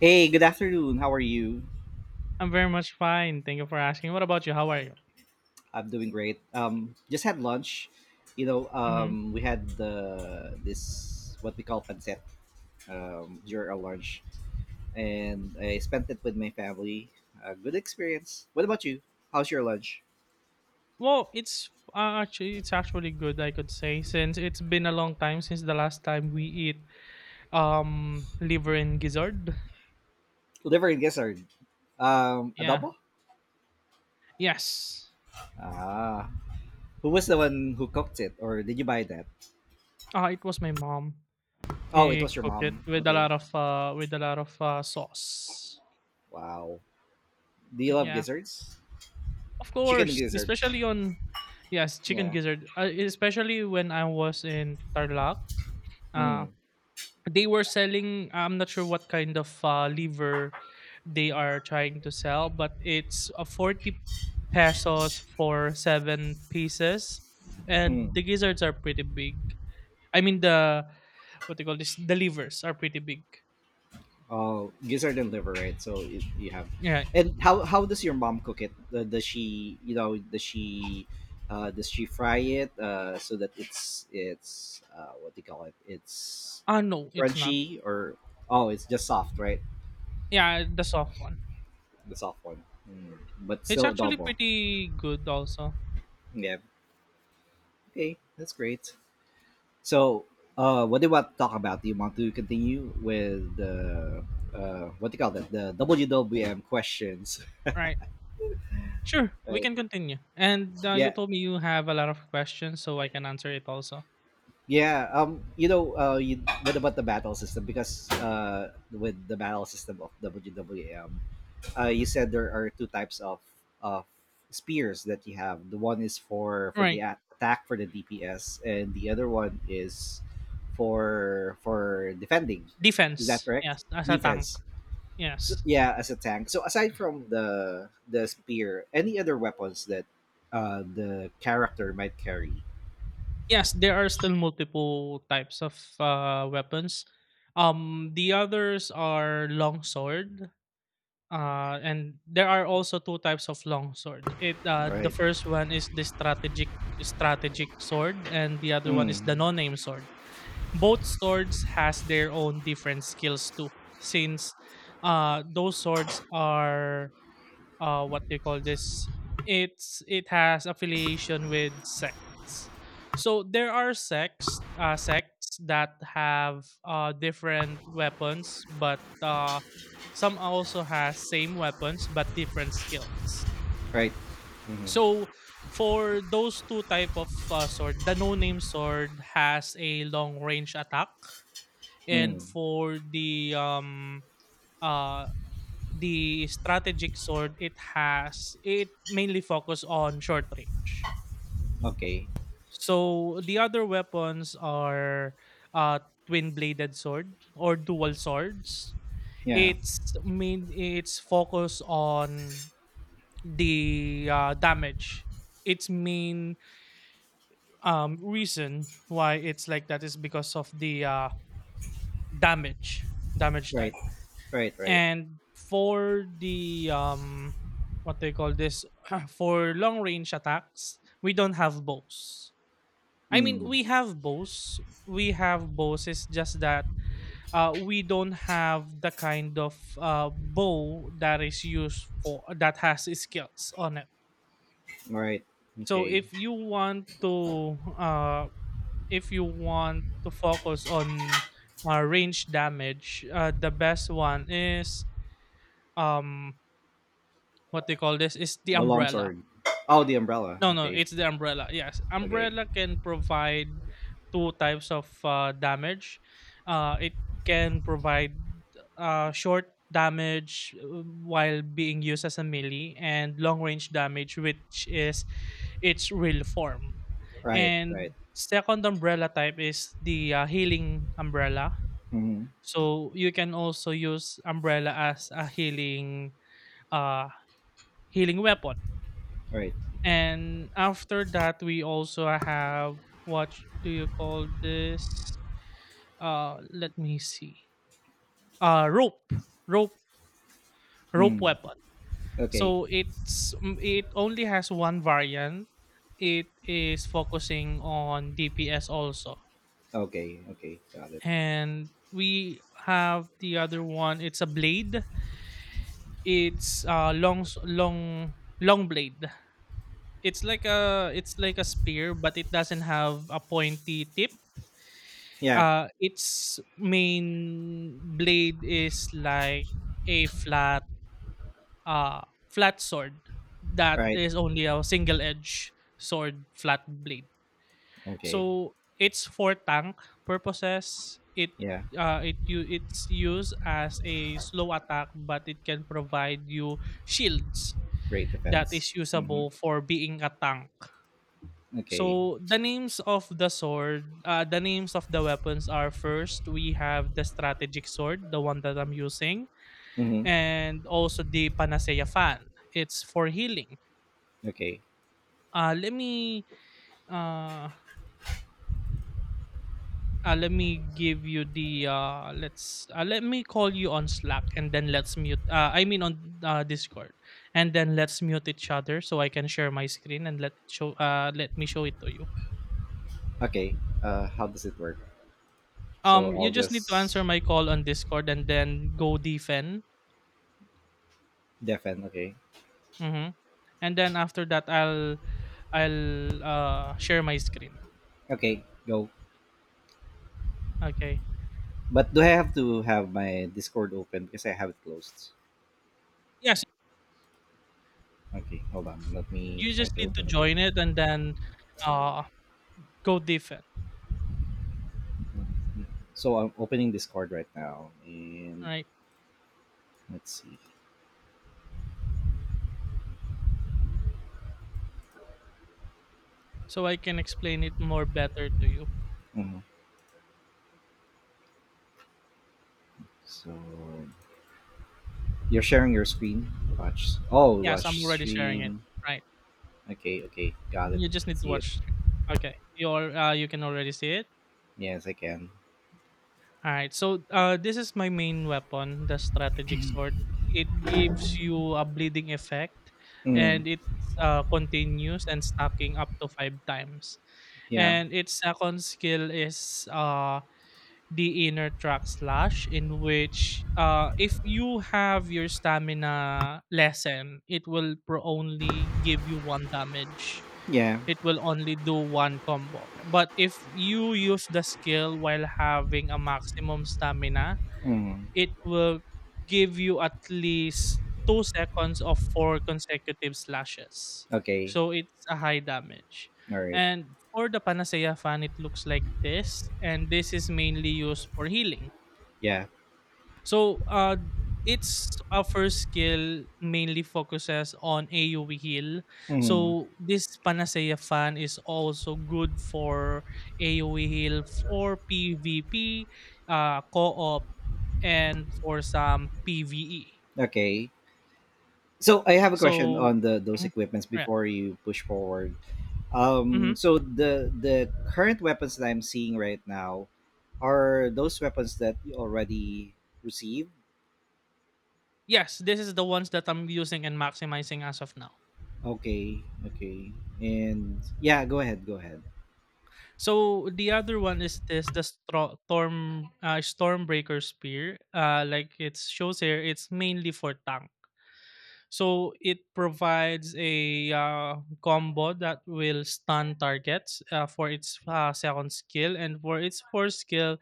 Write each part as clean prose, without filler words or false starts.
Hey, good afternoon. How are you? I'm very much fine. Thank you for asking. What about you? How are you? I'm doing great. Just had lunch. Hmm. We had the this what we call pancit during our lunch, and I spent it with my family. A good experience. What about you? How's your lunch? Well, it's actually it's actually good. I could say since it's been a long time since the last time we eat liver and gizzard. Who Never and guess are Yeah. adobo. Yes. Ah, who was the one who cooked it, or did you buy that? It was my mom. Oh, it He was your cooked it mom. with a Okay. lot of with a lot of sauce. Wow. Do you love Yeah. gizzards? Of Chicken course, gizzard. especially on yes chicken Yeah. gizzard. Especially when I was in Tarlac. Uh, Mm. they were selling, I'm not sure what kind of liver they are trying to sell, but it's a 40 pesos for seven pieces, Mm. and the gizzards are pretty big. I mean, the, what they call this, the livers are pretty big. Oh, gizzard and liver, right? So it, you have, Yeah. and how does your mom cook it? Does she fry it so that it's what do you call it? It's Ah, no, it's not. crunchy, or oh, it's just soft, right? Yeah, the soft one. The soft one, but It's still actually adobo. pretty good also. Yeah. Okay, that's great. So, what do you want to talk about? Do you want to continue with the what do you call that? The WWM questions, Right, sure, we right? can continue, and you Yeah, told me you have a lot of questions, so I can answer it also. yeah, what about the battle system? Because with the battle system of WWM, you said there are two types of spears that you have. The one is for the Right. Attack for the DPS, and the other one is for defending. Is that Defense, correct? yes, as a tank. Defense. So, Yes. yeah, as a tank. So aside from the spear, any other weapons that the character might carry, Yes, there are still multiple types of weapons. The others are longsword, and there are also two types of longsword. It The right? first one is the strategic sword, and the other one is the Mm. no-name sword. Both swords has their own different skills too, since those swords are uh, what they call this, it's it has affiliation with sects. So there are sects that have different weapons, but some also has same weapons but different skills. Right. Mm-hmm. So for those two type of sword, the no name sword has a long range attack, and Mm. for uh the strategic sword, it has it mainly focus on short range. Okay. So the other weapons are uh twin bladed sword or dual swords. Yeah. It's focus on the damage. Its main reason why it's like that is because of the damage, damage Right. type. Right. Right. And for the, um, what they call this, for long range attacks, we don't have bows. I mean, Mm. we have bows. We have bows. It's just that we don't have the kind of bow that is used for that has skills on it. Right. So Okay. if you want to if you want to focus on range damage, the best one is um, what they call this, is the The long umbrella. sword. Oh, the umbrella. No, no, Okay. it's the umbrella. Yes, Okay. umbrella can provide two types of damage. It can provide short damage while being used as a melee, and long range damage, which is its real form. Right. Right. And second umbrella type is the healing umbrella. Mm-hmm. So you can also use umbrella as a healing uh, healing weapon. Right. And after that, we also have what do you call this? Let me see. Uh, rope, rope Mm. weapon. Okay. So it's mm, it only has one variant. It is focusing on DPS also, Okay. Okay. Got it. and we have the other one. It's a blade. It's long s- long long blade. It's like a spear, but it doesn't have a pointy tip. Yeah. Its main blade is like a flat, uh, flat sword that Right. is only a single edge sword, flat blade. Okay. So it's for tank purposes. Yeah. It's used as a slow attack, but it can provide you shields Great that defense. is Mm-hmm. usable for being a tank. Okay. So the names of the sword, the names of the weapons are, first we have the strategic sword, the one that I'm using, Mm-hmm. and also the panacea fan. It's for healing. Okay. Uh, let me uh, uh, let me give you the let's let me call you on Slack and then let's mute. I mean on Discord, and then let's mute each other so I can share my screen and let it show let me show it to you. Okay. How does it work? So I'll You just need to answer just my call on Discord and then go defend. defend. Okay. Mhm, and then after that, I'll, share my screen, Okay. Go. okay? But do I have to have my Discord open because I have it closed? Yes, Okay, hold on. Let me you try just to need to open join it it. and then, uh, go different, So I'm opening Discord right now, and right? let's see. So I can explain it more better to you. Mhm. So you're sharing your screen. Watch. Oh, Yes, I'm watch already sharing it, stream. right. Okay, okay, got it. You just need to See it. watch. Okay, you can already see it? Yes, I can. Alright, so, this is my main weapon, the strategic sword. It gives you a bleeding effect, Mm, and it's, continuous and stacking up to 5 times. yeah, And its second skill is, the inner track slash, in which if you have your stamina lessen, it will pro only give you one damage. yeah. It will only do one combo. But if you use the skill while having a maximum stamina, Mm, it will give you at least 2 seconds of 4 consecutive slashes. okay. So it's a high damage. All right. And for the Panacea fan, it looks like this, and this is mainly used for healing. Yeah. So, its first skill mainly focuses on AoE heal. Mm, So, this Panacea fan is also good for AoE heal for PvP, co-op, and for some PvE. okay. So I have a question So, on the those mhm, equipments yeah. before you push forward. Mhm. So the current weapons that I'm seeing right now are those weapons that you already received. Yes, this is the ones that I'm using and maximizing as of now. Okay, okay, and yeah, go ahead, go ahead. So the other one is this, storm stormbreaker spear. Like it shows here, it's mainly for tank. So it provides a combo that will stun targets for its second skill, and for its fourth skill,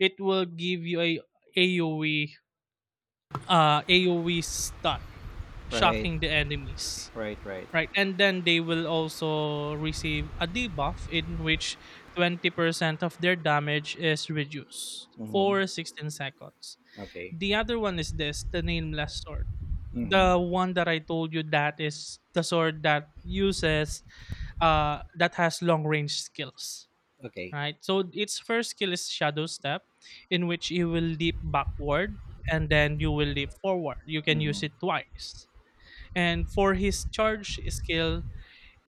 it will give you a AOE AOE stun, Right, shocking the enemies. right, right. Right, and then they will also receive a debuff in which 20% of their damage is reduced Mm-hmm. for 16 seconds. Okay. The other one is this, the nameless sword. The Mm-hmm. one that I told you that is the sword that uses that has long range skills, Okay. right? So its first skill is shadow step, in which you will leap backward and then you will leap forward. You can use Mm-hmm. it twice. And for his charge skill,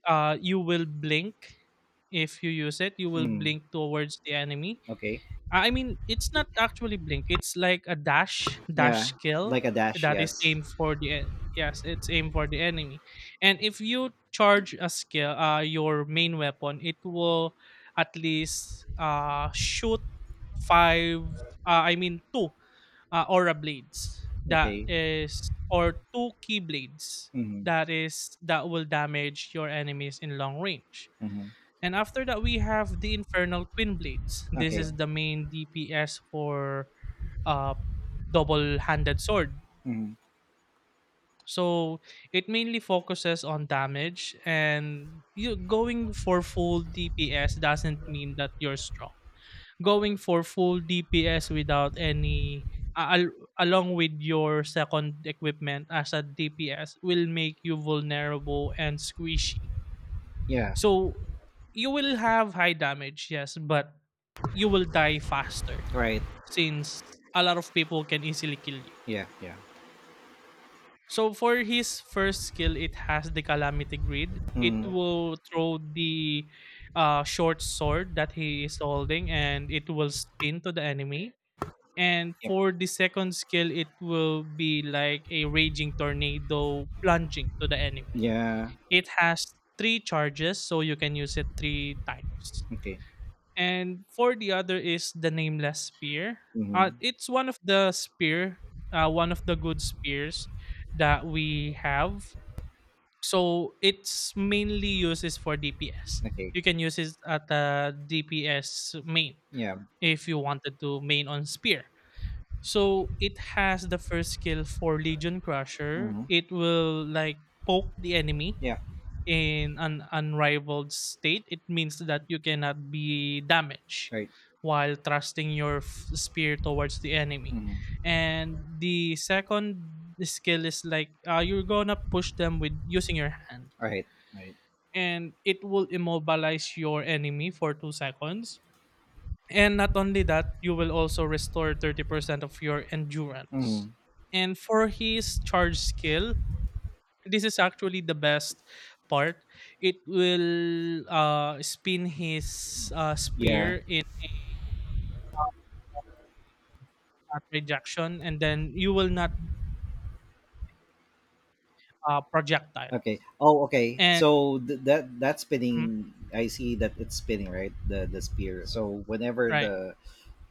you will blink, if you use it you will Mm-hmm. blink towards the enemy. Okay. I mean it's not actually blink, it's like a dash Yeah, skill like a dash. that is Yes. aimed for the, yes it's aimed for the enemy. And if you charge a skill your main weapon, it will at least shoot five I mean two aura blades that Okay. is, or two key blades Mm-hmm. that is, that will damage your enemies in long range. Mm-hmm. And after that we have the infernal twin blades. This Okay. is the main dps for uh double handed sword. Mm-hmm. So it mainly focuses on damage, and you going for full dps doesn't mean that you're strong. Going for full DPS without any along with your second equipment as a DPS will make you vulnerable and squishy. Yeah. So you will have high damage, yes, but you will die faster, Right. since a lot of people can easily kill you. Yeah. Yeah. So for his first skill, it has the calamity grid. It Mm-hmm. will throw the short sword that he is holding, and it will spin to the enemy. And Yep. for the second skill, it will be like a raging tornado plunging to the enemy. Yeah. It has 3 charges, so you can use it 3 times. Okay. And for the other is the nameless spear. Mm-hmm. It's one of the spear, one of the good spears that we have. So it's mainly uses for DPS. Okay. You can use it at the DPS main Yeah. if you wanted to main on spear. So it has the first skill for Legion Crusher. Mm-hmm. It will like poke the enemy Yeah. in an unrivaled state. It means that you cannot be damaged Right. while thrusting your spear towards the enemy. Mhm. And the second skill is like you're gonna push them with using your hand, All right. Right. and it will immobilize your enemy for 2 seconds, and not only that, you will also restore 30% of your endurance. Mhm. And for his charge skill, this is actually the best part. It will spin his Yeah. spear in a projection, and then you will not projectile. Okay. Oh, okay. And So that mhm, spinning, I see that it's spinning, right? The spear. So whenever right, the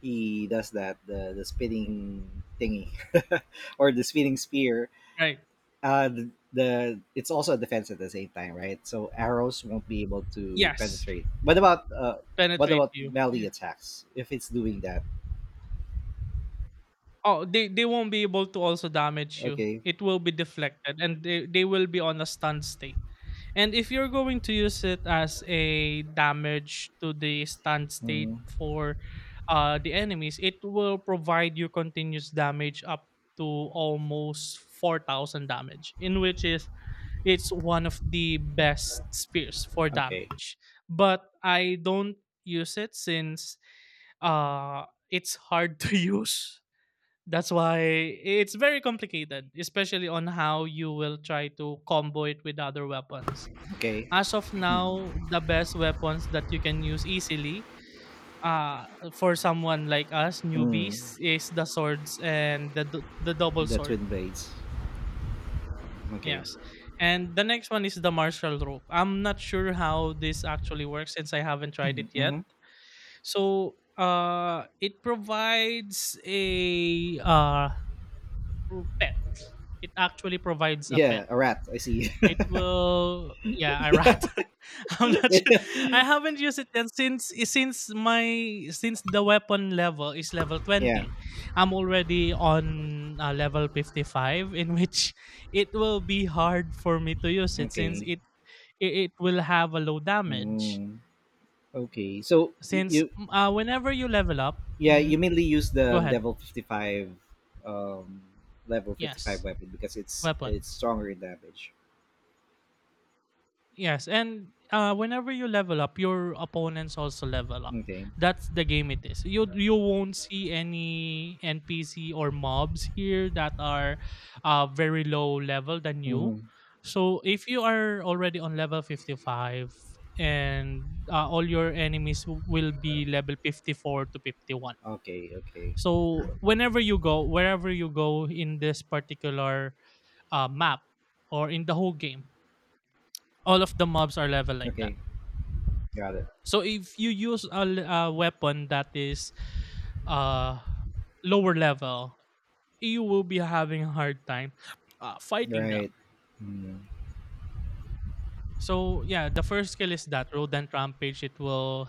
he does that, the spinning thingy, or the spinning spear, right, the it's also a defense at the same time, right? So arrows won't be able to yes, penetrate. What penetrate about you. melee Yeah. attacks if it's doing that? Oh, they won't be able to also damage you. Okay. It will be deflected, and they will be on a stun state. And if you're going to use it as a damage to the stand state Mhm. for the enemies, it will provide you continuous damage up to almost 4,000 damage, in which is it's one of the best spears for Okay. damage. But I don't use it since uh, it's hard to use, that's why it's very complicated, especially on how you will try to combo it with other weapons. Okay. As of Mhm. now, the best weapons that you can use easily uh, for someone like us, Mm. newbies, is the swords and the, the double The sword. twin blades. Okay. Yes. And the next one is the martial rope. I'm not sure how this actually works since I haven't tried it yet. Hmm. So it provides a pet. It actually provides a Yeah, pet. a rat. I see. It will, yeah, a rat. I'm not sure. I haven't used it yet since my since the weapon level is level yeah. 20. I'm already on level 55, in which it will be hard for me to use it since Okay. It will have a low damage. Mm, okay. So Since whenever you level up, yeah, you mhm, mainly use go the ahead. level fifty five, um, level 55 Yes, weapon because it's weapons. stronger in damage. Yes, and whenever you level up, your opponents also level up. Okay. That's the game it is. You won't see any NPC or mobs here that are very low level than you. Hmm. So if you are already on level 55 and all your enemies will be level 54 to 51. Okay. Okay. So wherever you go in this particular map or in the whole game, all of the mobs are level like that. Okay. Got it. So if you use a weapon that is uh lower level, you will be having a hard time fighting them. Right. Mm. So yeah, the first skill is that rodent rampage. It will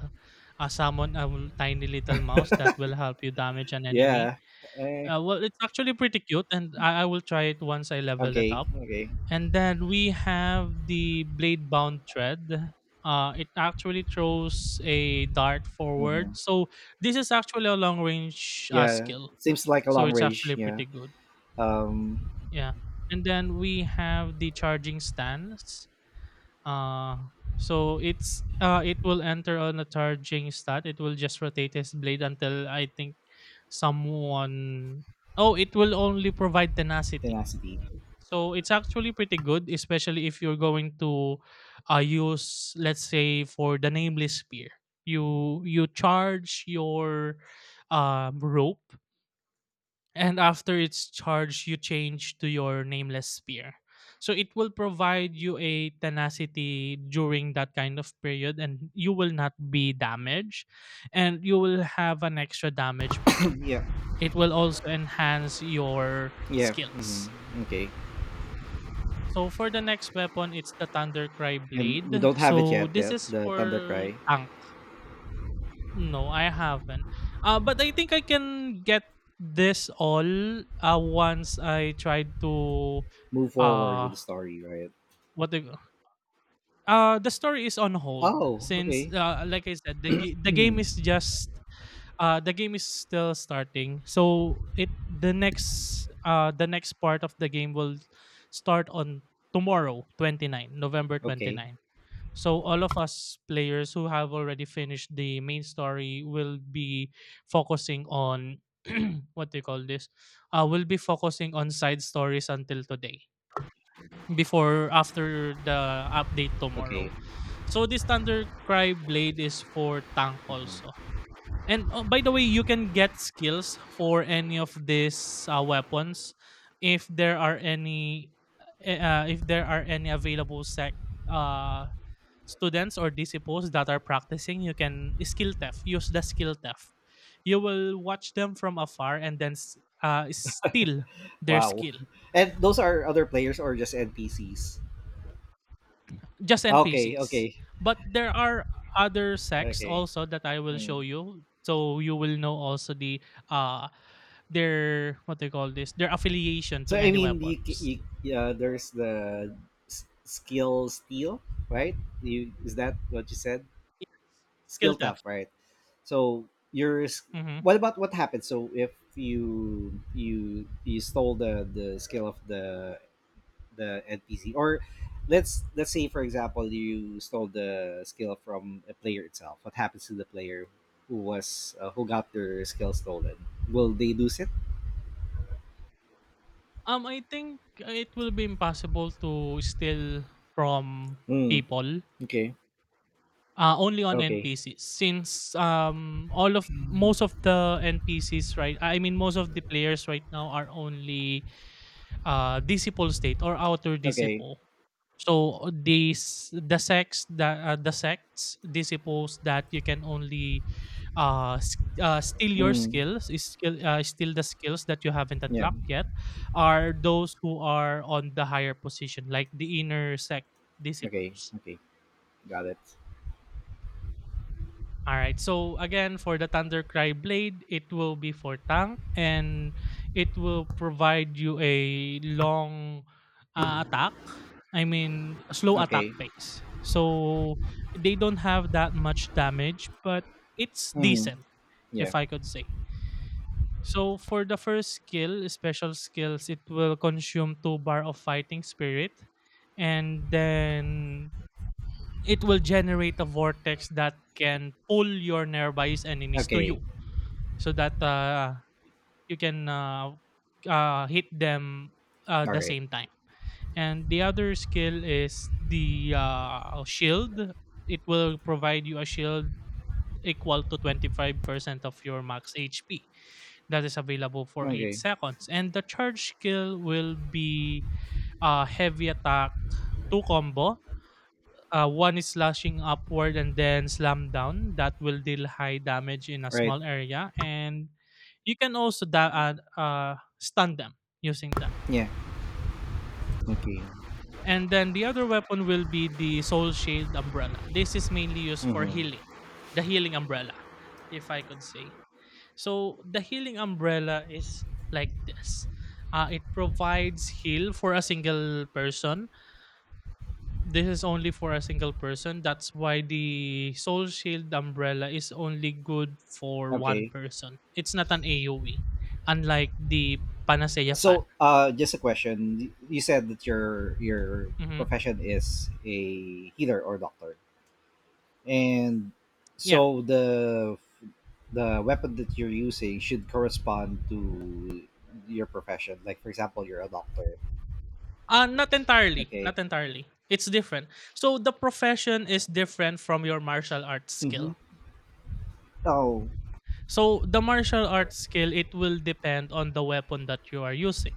summon a tiny little mouse that will help you damage an Yeah. enemy. Eh, Well, it's actually pretty cute, and I will try it once I level it okay. up. Okay. And then we have the blade bound thread. It actually throws a dart Hmm. forward. So this is actually a long range Yeah. skill. Seems like a So long it's range. actually Yeah. pretty good. Um. Yeah. And then we have the charging stance. Uh, it will enter on a charging stat. It will just rotate his blade until, I think, someone. Oh, it will only provide tenacity. Tenacity. So it's actually pretty good, especially if you're going to use, let's say, for the nameless spear. You charge your rope, and after its charged, you change to your nameless spear so it will provide you a tenacity during that kind of period, and you will not be damaged, and you will have an extra damage with it. Yeah. It will also enhance your Yeah. Hmm. skills. Okay. So for the next weapon, it's the thundercry And blade. you don't have it So yet, this the, is the Thunder for Cry. tank. No, I haven't. But I think I can get this all once I try to Move forward uh with the story, right? what the story is on hold Oh, since, okay. Like I said, the game is just the game is still starting. So it the next part of the game will start on tomorrow, 29, November Okay. 29. So all of us players who have already finished the main story will be focusing on what do you call this? Will be focusing on side stories until today, before after the update Okay. tomorrow. So this Thundercry blade is for tank also. Mhm. And oh, by the way, you can get skills for any of these weapons if there are any if there are any available sec uh students or disciples that are practicing. You can skill theft use the skill theft. You will watch them from afar and then steal their Wow. skill. And those are other players or just NPCs? Just Okay. NPCs. Okay. But there are other sects Okay. also that I will Mm. show you, so you will know also the uh their, what they call this, their affiliation to So, I any mean, weapons. Yeah, there's the skill steal, right? Is that what you said? Skill Skill tap, theft. right? So you're s- Mhm. what about what happens? So if you stole the skill of the NPC, or let's say for example you stole the skill from a player itself. What happens to the player who got their skill stolen? Will they lose it? Um, I think it will be impossible to steal from Mm, people. okay. Only on Okay. NPCs, since, um, all of Mm, most of the NPCs, right, I mean, most of the players right now, are only disciple state or outer okay. disciple. So these the sects that, the sects disciples that you can only steal your Mm, skills, is skill steal the skills that you haven't yeah. unlocked yet, are those who are on the higher position, like the inner sect Okay. disciples. Okay. Got it. All right. So again, for the Thundercry blade, it will be for tank, and it will provide you a long attack. I mean, slow attack Okay. pace. So they don't have that much damage, but it's Mm, decent, yeah. if I could say. So for the first skill, special skills, it will consume two bar of fighting spirit, and then it will generate a vortex that can pull your nearby's enemies to Okay. you so that you can hit them All the right. same time. And the other skill is the shield. It will provide you a shield equal to 25% of your max HP. That is available for 8 Okay. seconds. And the charge skill will be heavy attack two combo. One is slashing upward and then slam down. That will deal high damage in a Right. small area, and you can also stun them using that. Yeah. Okay. And then the other weapon will be the Soul Shade umbrella. This is mainly used for Mm-hmm. healing, the healing umbrella, if I could say. So the healing umbrella is like this. It provides heal for a single person. This is only for a single person. That's why the Soul Shield umbrella is only good for one Okay. person. It's not an AoE, unlike the Panacea fan. So, just a question. You said that your Hmm. profession is a healer or doctor, and Yeah. so the weapon that you're using should correspond to your profession. Like, for example, you're a doctor. Not entirely. Okay. Not entirely. It's different. So the profession is different from your martial arts Mm-hmm. skill. Oh, So the martial arts skill, it will depend on the weapon that you are using.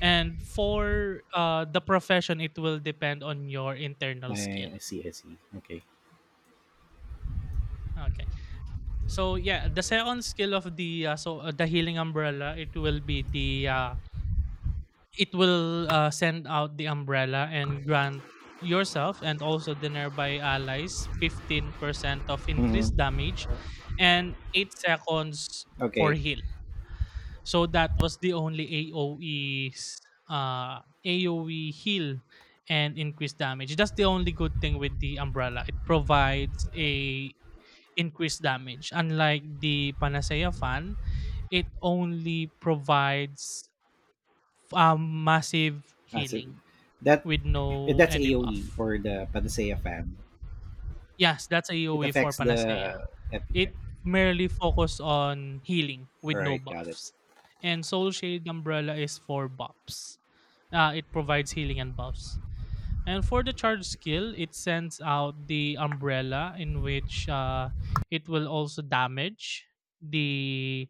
And for the profession, it will depend on your internal skill. I see. I see. Okay. Okay. So yeah, the second skill of the healing umbrella, it will be the it will send out the umbrella and grant yourself and also the nearby allies 15% of increased Mm-hmm. damage and 8 seconds for Okay. heal. So that was the only AoE's AoE heal and increased damage. That's the only good thing with the umbrella. It provides a increased damage. Unlike the Panacea fan, it only provides massive So healing that with no that's any AOE buff. for the Panacea fan. Yes, that's a It AoE for affects Panacea. the epi-. It merely focuses on healing All with no right, got it. buffs. And Soul Shade Umbrella is for buffs. It provides healing and buffs. And for the charge skill, it sends out the umbrella, in which it will also damage the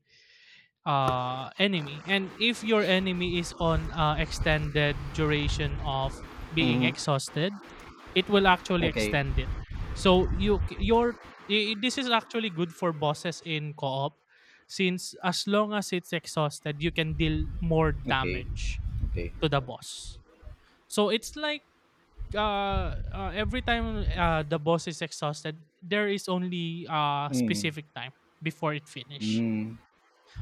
enemy. And if your enemy is on extended duration of being Mm-hmm. exhausted, it will actually Okay, extend it, so you c- your I- this is actually good for bosses in co-op, since as long as it's exhausted, you can deal more okay, damage okay. to the boss. So it's like every time the boss is exhausted, there is only Mm, specific time before it finish. mm,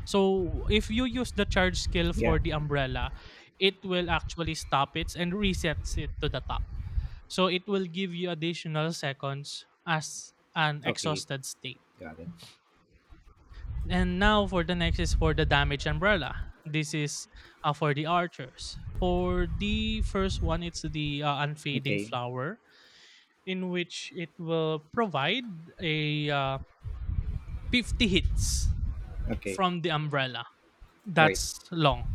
So if you use the charge skill yeah, for the umbrella, it will actually stop it and resets it to the top. So it will give you additional seconds as an okay, exhausted state. got it. And now for the next is for the damage umbrella. This is for the archers. For the first one, it's the unfading Okay, flower, in which it will provide a 50 hits okay, from the umbrella. all right. That's long,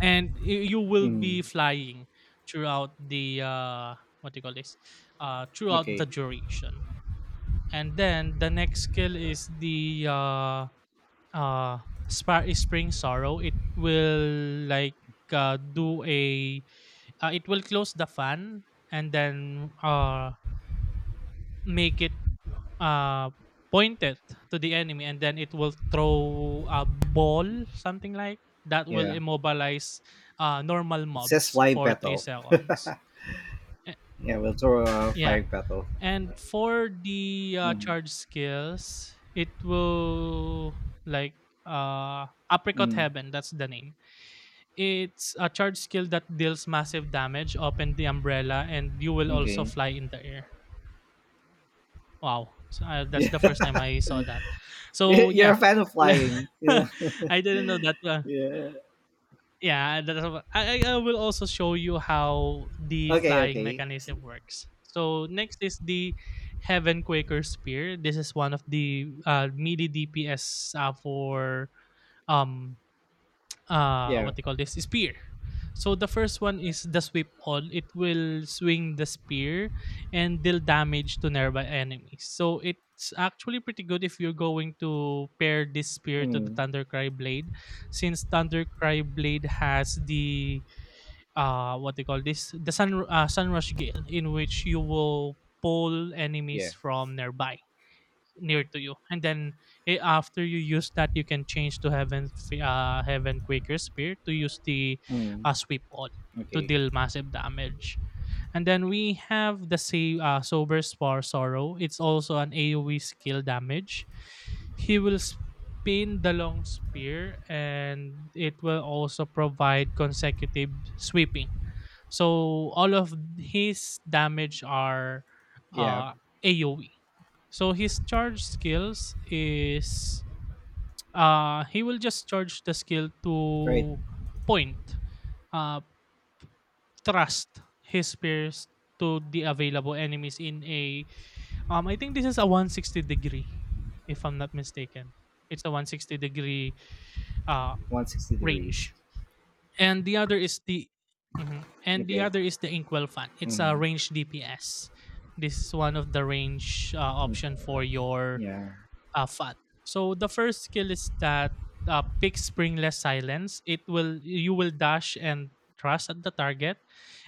and you will be Mm, flying throughout the what do you call this throughout okay, the duration. And then the next skill is the uh spring sorrow. It will like do a it will close the fan and then make it uh, point it to the enemy, and then it will throw a ball, something like that, will yeah. immobilize normal It says mobs flying for three petal. seconds. Eh, Yeah, we'll throw a yeah. flying petal. And for the Mm, charge skills, it will, like, uh apricot mm, heaven, that's the name. It's a charge skill that deals massive damage, open the umbrella, and you will also okay. fly in the air. Wow. So, that's Yeah, the first time I saw that. So, you're yeah. a fan of flying. Yeah, I didn't know that. Yeah. Yeah, that's I will also show you how the Okay, flying okay. mechanism works. So next is the Heaven Quaker Spear. This is one of the melee DPS for um Yeah. what they call this spear. So the first one is the sweep all. It will swing the spear and deal damage to nearby enemies. So it's actually pretty good if you're going to pair this spear to the Mm, thundercry blade, since thundercry blade has the what they call this, the sunrush gale, in which you will pull yeah. enemies from nearby near to you, and then after you use that, you can change to heaven quaker spear to use the Mm, sweep all to okay. deal massive damage. And then we have the save sober spar sorrow. It's also an aoe skill damage. He will spin the long spear, and it will also provide consecutive sweeping, so all of his damage are Yeah. uh, AOE. So his charge skills is he will just charge the skill Right. to point, uh, trust his peers to the available enemies in a I think this is a 160 degree, if I'm not mistaken. It's a 160 degree uh 160 degrees. range. And the other is the Okay. Inkwell fan. It's a Mm, range DPS. This is one of the range mm, option for your yeah. Fan. So the first skill is that pick springless silence. It will you will dash and thrust at the target,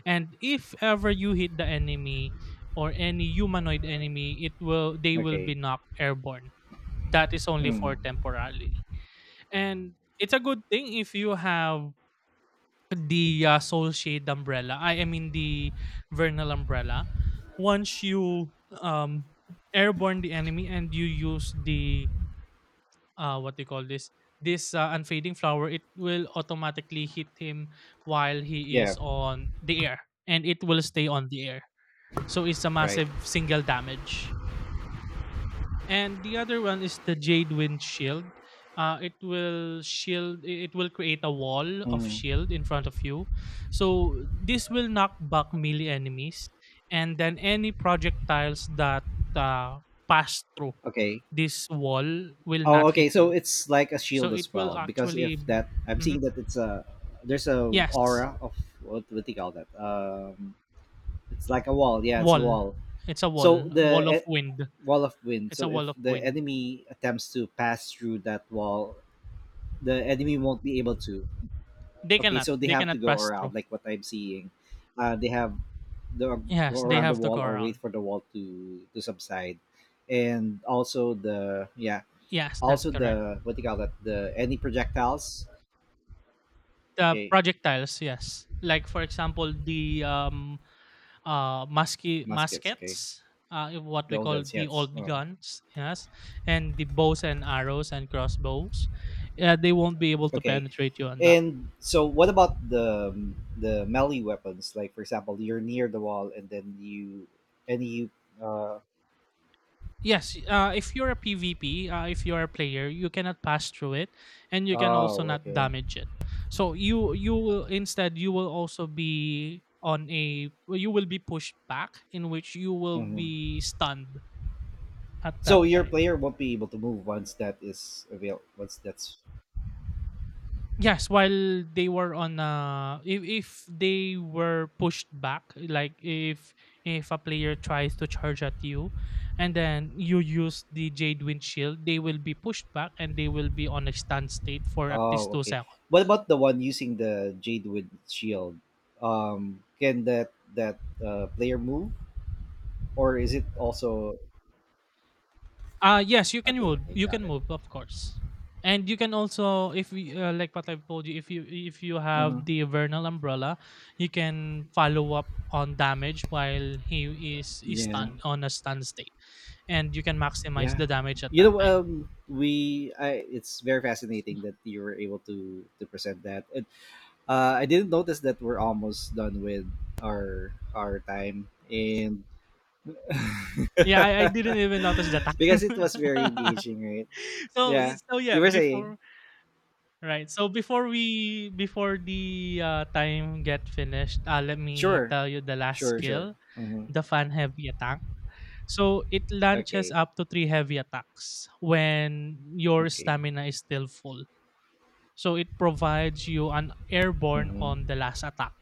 and if ever you hit the enemy or any humanoid enemy, it will they will Okay. be knocked airborne. That is only for Mm. temporarily, and it's a good thing if you have the Soul Shade umbrella. I mean the Vernal umbrella. Once you um airborne the enemy and you use the what do you call this this unfading flower, it will automatically hit him while he Yeah. is on the air, and it will stay on the air. So it's a Right. massive single damage and the other one is the jade wind shield. Uh, it will shield it will create a wall of Mm. shield in front of you so this will knock back melee enemies and then any projectiles that uh, pass through Okay. this wall will Oh, not okay. hit So you it's like a so shield as it will well, because if actually. that I'm Mhm. seeing that it's a there's a Yes, aura of what do you call that? It's like a wall. Yeah, it's a wall, wall. it's a wall, So wall of the wind, wall of wind. it's So a wall if of the wind, enemy attempts to pass through that wall, the enemy won't be able to. they Okay, cannot so they have to go pass around, through. like what I'm seeing. They have the go Yes, they around the have to go wall, or wait around. for the wall to subside, and also the yeah, Yes, that's also correct. the what do you call that? The any projectiles? The Okay, projectiles, yes. Like for example, the musky muskets. Okay, muskets, what the we all call guns. the Yes. old Oh, guns, yes, and the bows and arrows and crossbows. They won't be able to okay, penetrate you on that. and so what about the melee weapons? Like for example, you're near the wall, and then you. Uh, Yes, if you're a PvP, if you're a player, you cannot pass through it, and you can also oh, not okay. damage it. So you will instead you will also be on a well, you will be pushed back, in which you will Mhm. be stunned at So that your time. player won't be able to move once that is avail. Once that's, Yes, while they were on if they were pushed back, like if a player tries to charge at you and then you use the Jade Wind Shield, they will be pushed back and they will be on a stand state for at least oh, two okay. seconds. What about the one using the Jadewood shield? Can that player move, or is it also Yes, you can okay? move. Okay, You can got it. move, of course. And you can also if we, like what I've told you, if you if you Hmm. have the Vernal Umbrella, you can follow up on damage while he is Yeah, stunned on a stun state. And you can maximize yeah. the damage at You that know, time. We I It's very fascinating that you were able to present that. And, I didn't notice that we're almost done with our time, and Yeah, I didn't even notice the time. because it was very engaging, right? Yeah. So You yeah, were saying, before right. So before we before the time get finished, let me sure, tell you the last sure, sure. skill, Mm-hmm. the fan heavy attack. So it launches Okay, up to three heavy attacks when your okay. stamina is still full. So it provides you an airborne on Mm-hmm. the last attack.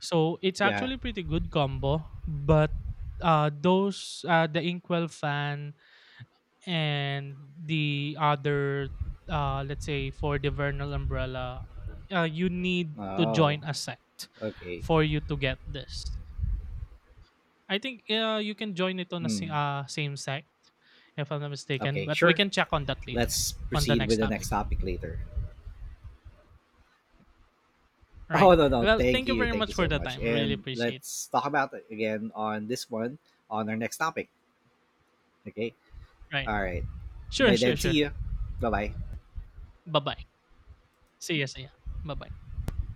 So it's Yeah. actually pretty good combo, but those the Inkwell fan and the other let's say for the Vernal umbrella, you need to Oh, join a sect okay. for you to get this. I think you can join it on a Hmm. Same sect if I'm not mistaken, Okay, but we sure. can check on that later Let's on the proceed with next the next topic. topic later. Oh, Right. no, no. Well, Thank thank you you. very Thank you much for so the much. time. Really And appreciate it. let's talk about it again on this one on our next topic. Okay. Right. All right. Sure, By sure, then, see sure. you. Bye bye. Bye-bye. See ya, see ya. Bye-bye.